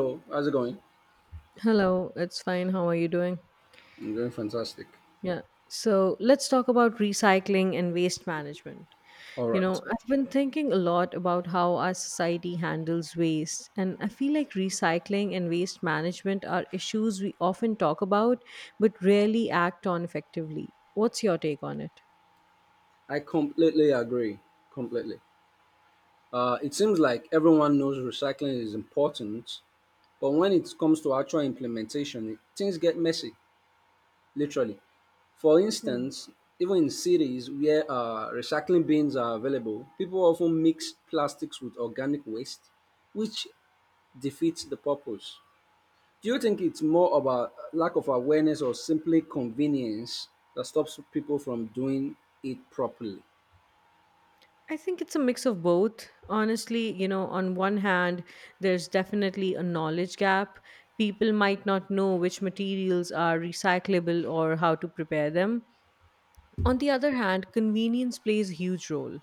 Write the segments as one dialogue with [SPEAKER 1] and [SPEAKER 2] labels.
[SPEAKER 1] So, how's it going?
[SPEAKER 2] Hello, it's fine. How are you doing?
[SPEAKER 1] I'm doing fantastic.
[SPEAKER 2] Yeah. So let's talk about recycling and waste management.
[SPEAKER 1] All right.
[SPEAKER 2] I've been thinking a lot about how our society handles waste, and I feel like recycling and waste management are issues we often talk about but rarely act on effectively. What's your take on it?
[SPEAKER 1] I completely agree. Completely. It seems like everyone knows recycling is important, but when it comes to actual implementation, things get messy, literally. For
[SPEAKER 2] Hmm.
[SPEAKER 1] instance, even in cities where recycling bins are available, people often mix plastics with organic waste, which defeats the purpose. Do you think it's more about lack of awareness or simply convenience that stops people from doing it properly?
[SPEAKER 2] I think it's a mix of both. Honestly, on one hand, there's definitely a knowledge gap. People might not know which materials are recyclable or how to prepare them. On the other hand, convenience plays a huge role.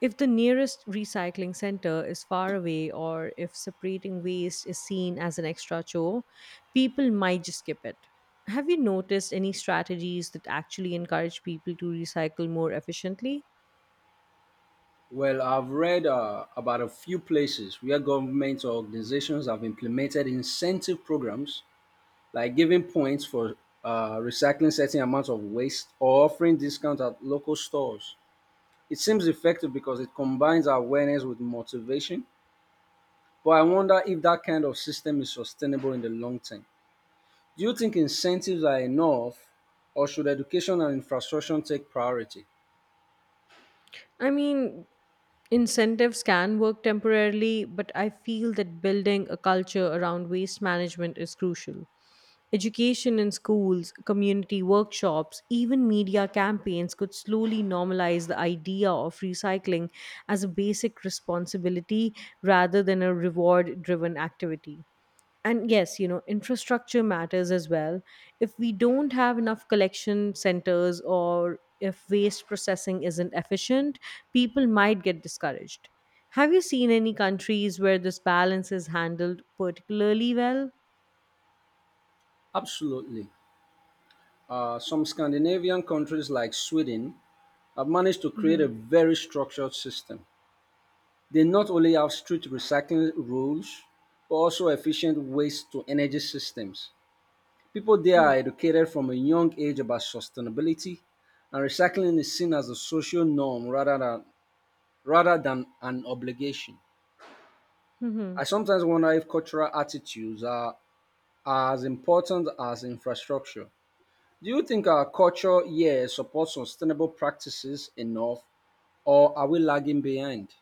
[SPEAKER 2] If the nearest recycling center is far away or if separating waste is seen as an extra chore, people might just skip it. Have you noticed any strategies that actually encourage people to recycle more efficiently?
[SPEAKER 1] Well, I've read about a few places where governments or organizations have implemented incentive programs like giving points for recycling certain amounts of waste or offering discounts at local stores. It seems effective because it combines awareness with motivation, but I wonder if that kind of system is sustainable in the long term. Do you think incentives are enough, or should education and infrastructure take priority?
[SPEAKER 2] I mean, incentives can work temporarily, but I feel that building a culture around waste management is crucial. Education in schools, community workshops, even media campaigns could slowly normalize the idea of recycling as a basic responsibility rather than a reward driven activity. And yes, infrastructure matters as well. If we don't have enough collection centers or if waste processing isn't efficient, people might get discouraged. Have you seen any countries where this balance is handled particularly well?
[SPEAKER 1] Absolutely. Some Scandinavian countries like Sweden have managed to create a very structured system. They not only have strict recycling rules, but also efficient waste to energy systems. People there are educated from a young age about sustainability, and recycling is seen as a social norm rather than an obligation.
[SPEAKER 2] Hmm.
[SPEAKER 1] I sometimes wonder if cultural attitudes are as important as infrastructure. Do you think our culture here supports sustainable practices enough, or are we lagging behind?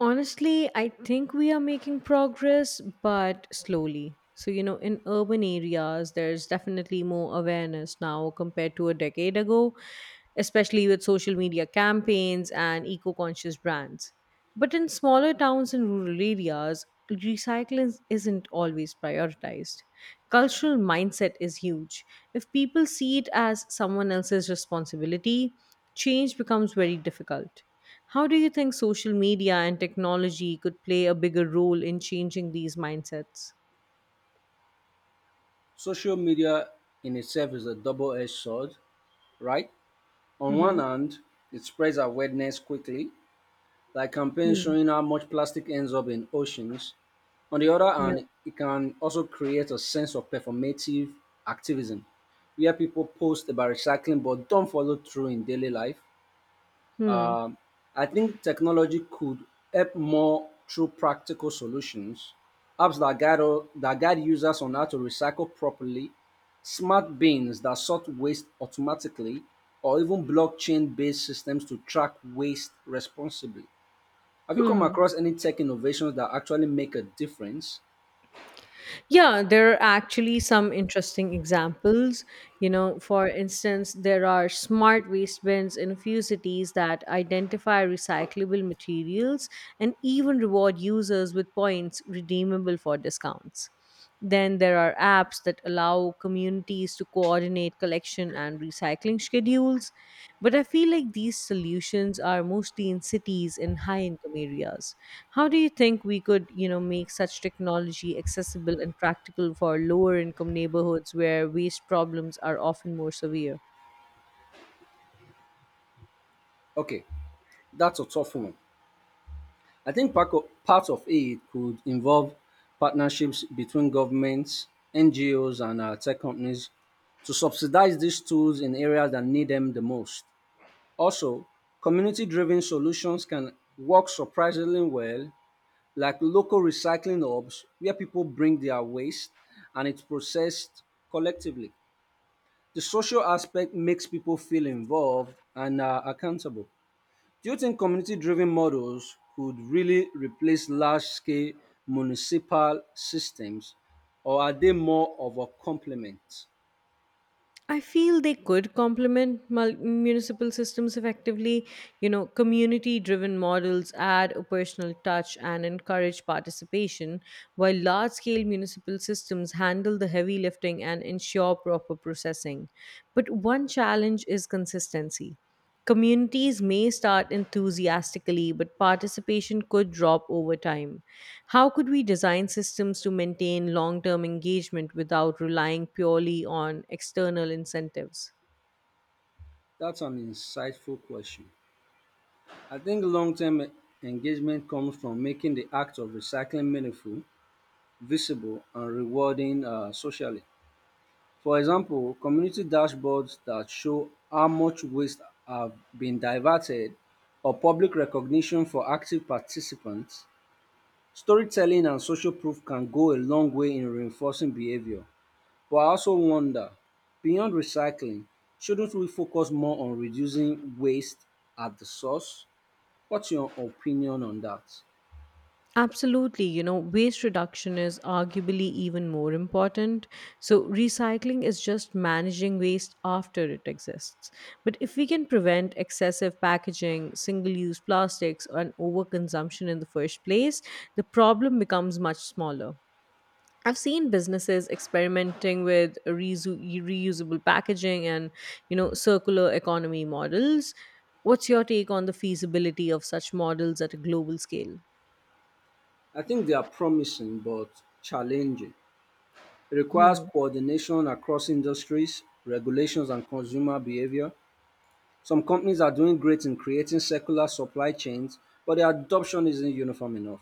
[SPEAKER 2] Honestly, I think we are making progress, but slowly. So, in urban areas, there's definitely more awareness now compared to a decade ago, especially with social media campaigns and eco conscious brands. But in smaller towns and rural areas, recycling isn't always prioritized. Cultural mindset is huge. If people see it as someone else's responsibility, change becomes very difficult. How do you think social media and technology could play a bigger role in changing these mindsets?
[SPEAKER 1] Social media in itself is a double edged sword, right? On one
[SPEAKER 2] Mm-hmm.
[SPEAKER 1] hand, it spreads awareness quickly, like campaigns
[SPEAKER 2] Hmm.
[SPEAKER 1] showing how much plastic ends up in oceans. On the other
[SPEAKER 2] Yeah.
[SPEAKER 1] hand, it can also create a sense of performative activism where people post about recycling but don't follow through in daily life.
[SPEAKER 2] Hmm.
[SPEAKER 1] Um, I think technology could help more through practical solutions, apps that guide, that guide users on how to recycle properly, smart bins that sort waste automatically, or even blockchain based systems to track waste responsibly. Have you come
[SPEAKER 2] Hmm.
[SPEAKER 1] across any tech innovations that actually make a difference?
[SPEAKER 2] Yeah, there are actually some interesting examples. For instance, there are smart waste bins in a few cities that identify recyclable materials and even reward users with points redeemable for discounts. Then there are apps that allow communities to coordinate collection and recycling schedules. But I feel like these solutions are mostly in cities in high income areas. How do you think we could make such technology accessible and practical for lower income neighborhoods where waste problems are often more severe?
[SPEAKER 1] Okay, that's a tough one. I think part of it could involve partnerships between governments, NGOs, and tech companies to subsidize these tools in areas that need them the most. Also, community driven solutions can work surprisingly well, like local recycling hubs where people bring their waste and it's processed collectively. The social aspect makes people feel involved and accountable. Do you think community driven models could really replace large scale municipal systems or are they more of a complement?
[SPEAKER 2] I feel they could complement municipal systems effectively. Community driven models add a personal touch and encourage participation, while large scale municipal systems handle the heavy lifting and ensure proper processing. But one challenge is consistency. Communities may start enthusiastically, but participation could drop over time. How could we design systems to maintain long term engagement without relying purely on external incentives?
[SPEAKER 1] That's an insightful question. I think long term engagement comes from making the act of recycling meaningful, visible, and rewarding socially. For example, community dashboards that show how much waste have been diverted or public recognition for active participants. Storytelling and social proof can go a long way in reinforcing behavior, but I also wonder, beyond recycling, shouldn't we focus more on reducing waste at the source? What's your opinion on that?
[SPEAKER 2] Absolutely. Waste reduction is arguably even more important. So, recycling is just managing waste after it exists. But if we can prevent excessive packaging, single use plastics, and overconsumption in the first place, the problem becomes much smaller. I've seen businesses experimenting with reusable packaging and circular economy models. What's your take on the feasibility of such models at a global scale?
[SPEAKER 1] I think they are promising but challenging. It requires
[SPEAKER 2] Hmm.
[SPEAKER 1] coordination across industries, regulations, and consumer behavior. Some companies are doing great in creating circular supply chains, but their adoption isn't uniform enough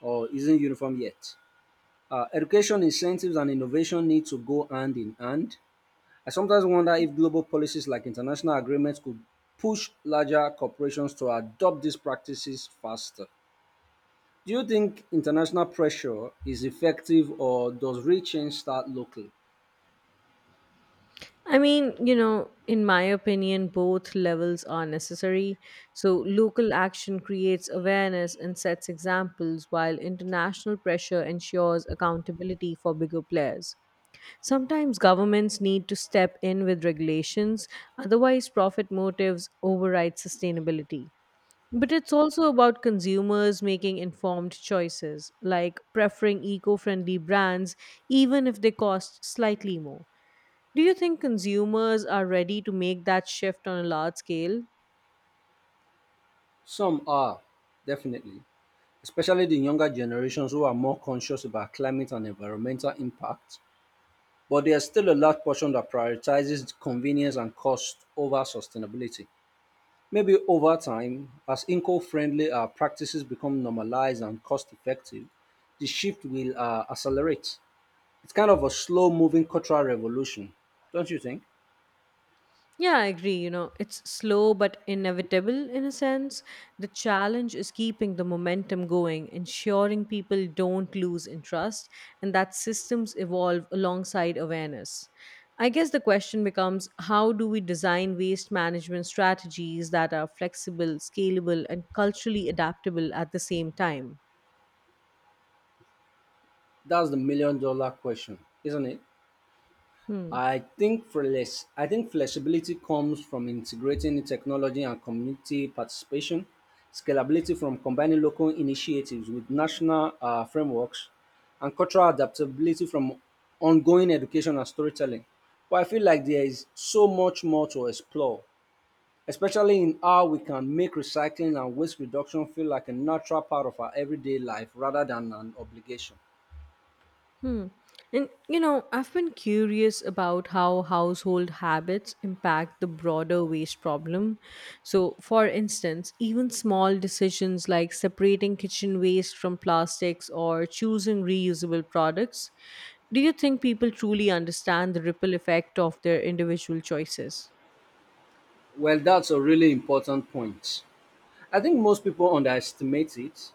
[SPEAKER 1] or isn't uniform yet. Education incentives and innovation need to go hand in hand. I sometimes wonder if global policies like international agreements could push larger corporations to adopt these practices faster. Do you think international pressure is effective or does real change start locally?
[SPEAKER 2] I mean, in my opinion, both levels are necessary. So, local action creates awareness and sets examples, while international pressure ensures accountability for bigger players. Sometimes governments need to step in with regulations, otherwise, profit motives override sustainability. But it's also about consumers making informed choices, like preferring eco friendly brands, even if they cost slightly more. Do you think consumers are ready to make that shift on a large scale?
[SPEAKER 1] Some are, definitely, especially the younger generations who are more conscious about climate and environmental impact. But there's still a large portion that prioritizes convenience and cost over sustainability. Maybe over time, as eco friendly practices become normalized and cost effective, the shift will accelerate. It's kind of a slow moving cultural revolution, don't you think?
[SPEAKER 2] Yeah, I agree. It's slow but inevitable in a sense. The challenge is keeping the momentum going, ensuring people don't lose interest, and that systems evolve alongside awareness. I guess the question becomes how do we design waste management strategies that are flexible, scalable, and culturally adaptable at the same time?
[SPEAKER 1] That's the million dollar question, isn't it?
[SPEAKER 2] Hmm.
[SPEAKER 1] I think flexibility comes from integrating technology and community participation, scalability from combining local initiatives with national frameworks, and cultural adaptability from ongoing education and storytelling. But I feel like there is so much more to explore, especially in how we can make recycling and waste reduction feel like a natural part of our everyday life rather than an obligation.
[SPEAKER 2] Hmm. And I've been curious about how household habits impact the broader waste problem. So, for instance, even small decisions like separating kitchen waste from plastics or choosing reusable products, do you think people truly understand the ripple effect of their individual choices?
[SPEAKER 1] Well, that's a really important point. I think most people underestimate it.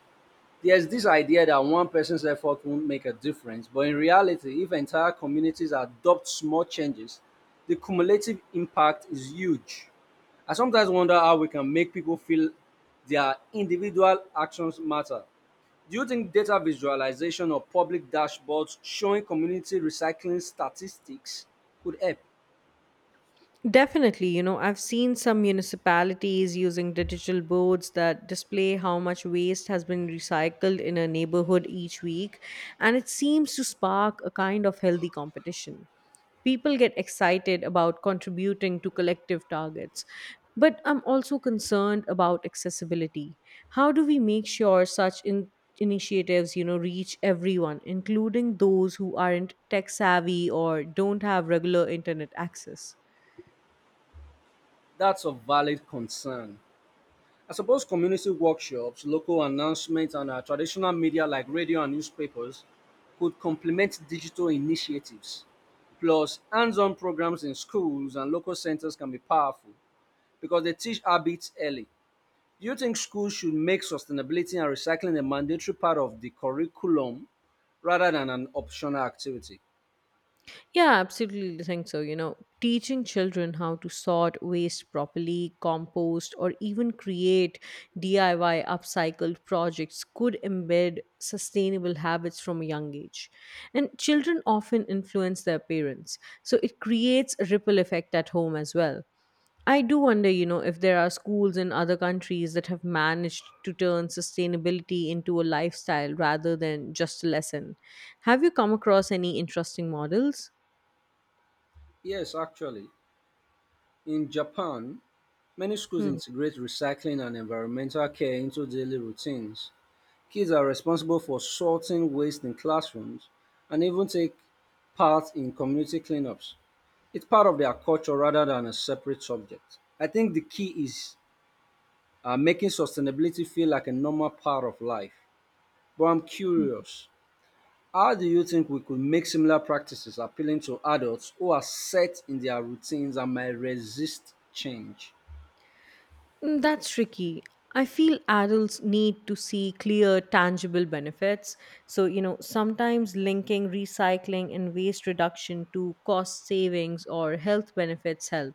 [SPEAKER 1] There's this idea that one person's effort won't make a difference, but in reality, if entire communities adopt small changes, the cumulative impact is huge. I sometimes wonder how we can make people feel their individual actions matter. Do you think data visualization or public dashboards showing community recycling statistics could help?
[SPEAKER 2] Definitely I've seen some municipalities using digital boards that display how much waste has been recycled in a neighborhood each week, and it seems to spark a kind of healthy competition. People get excited about contributing to collective targets. But I'm also concerned about accessibility. How do we make sure such initiatives reach everyone, including those who aren't tech savvy or don't have regular internet access?
[SPEAKER 1] That's a valid concern. I suppose community workshops, local announcements, and traditional media like radio and newspapers could complement digital initiatives. Plus, hands on programs in schools and local centers can be powerful because they teach habits early. Do you think schools should make sustainability and recycling a mandatory part of the curriculum rather than an optional activity?
[SPEAKER 2] Yeah, absolutely think so. Teaching children how to sort waste properly, compost, or even create DIY upcycled projects could embed sustainable habits from a young age. And children often influence their parents, so it creates a ripple effect at home as well. I do wonder if there are schools in other countries that have managed to turn sustainability into a lifestyle rather than just a lesson. Have you come across any interesting models?
[SPEAKER 1] Yes, actually. In Japan, many schools
[SPEAKER 2] Hmm.
[SPEAKER 1] integrate recycling and environmental care into daily routines. Kids are responsible for sorting waste in classrooms and even take part in community cleanups. It's part of their culture rather than a separate subject. I think the key is making sustainability feel like a normal part of life. But I'm curious, how do you think we could make similar practices appealing to adults who are set in their routines and might resist change?
[SPEAKER 2] That's tricky. I feel adults need to see clear, tangible benefits. So, sometimes linking recycling and waste reduction to cost savings or health benefits help.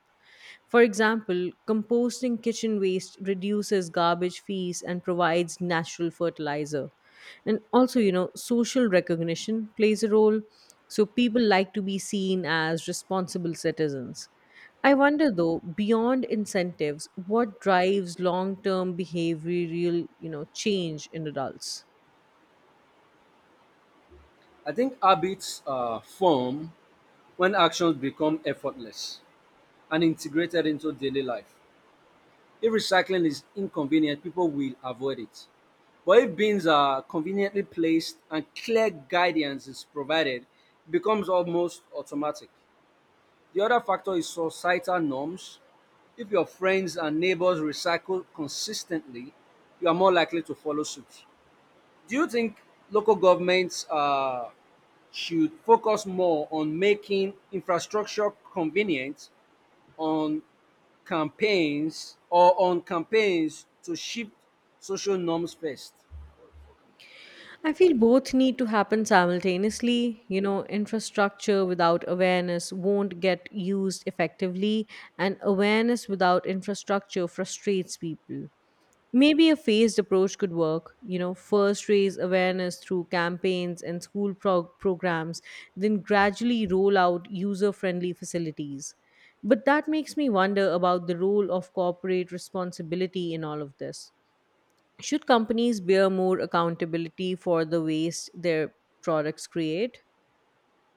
[SPEAKER 2] For example, composting kitchen waste reduces garbage fees and provides natural fertilizer. And also social recognition plays a role. So people like to be seen as responsible citizens. I wonder though, beyond incentives, what drives long term behavioral change in adults?
[SPEAKER 1] I think habits form when actions become effortless and integrated into daily life. If recycling is inconvenient, people will avoid it. But if bins are conveniently placed and clear guidance is provided, it becomes almost automatic. The other factor is societal norms. If your friends and neighbors recycle consistently, you are more likely to follow suit. Do you think local governments should focus more on making infrastructure convenient on campaigns or on campaigns to shift social norms first?
[SPEAKER 2] I feel both need to happen simultaneously. Infrastructure without awareness won't get used effectively, and awareness without infrastructure frustrates people. Maybe a phased approach could work. First raise awareness through campaigns and school programs, then gradually roll out user friendly facilities. But that makes me wonder about the role of corporate responsibility in all of this. Should companies bear more accountability for the waste their products create?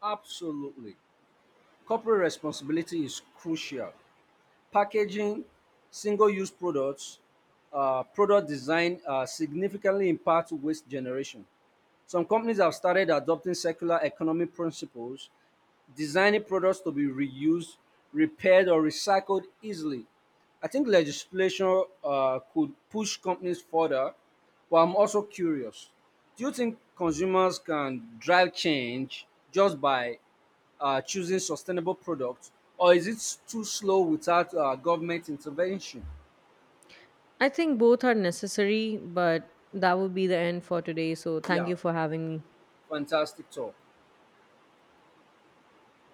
[SPEAKER 1] Absolutely. Corporate responsibility is crucial. Packaging, single use products, product design significantly impact waste generation. Some companies have started adopting circular economy principles, designing products to be reused, repaired, or recycled easily. I think legislation could push companies further, but I'm also curious. Do you think consumers can drive change just by choosing sustainable products, or is it too slow without government intervention?
[SPEAKER 2] I think both are necessary, but that would be the end for today. So thank
[SPEAKER 1] Yeah,
[SPEAKER 2] you for having me.
[SPEAKER 1] fantastic talk.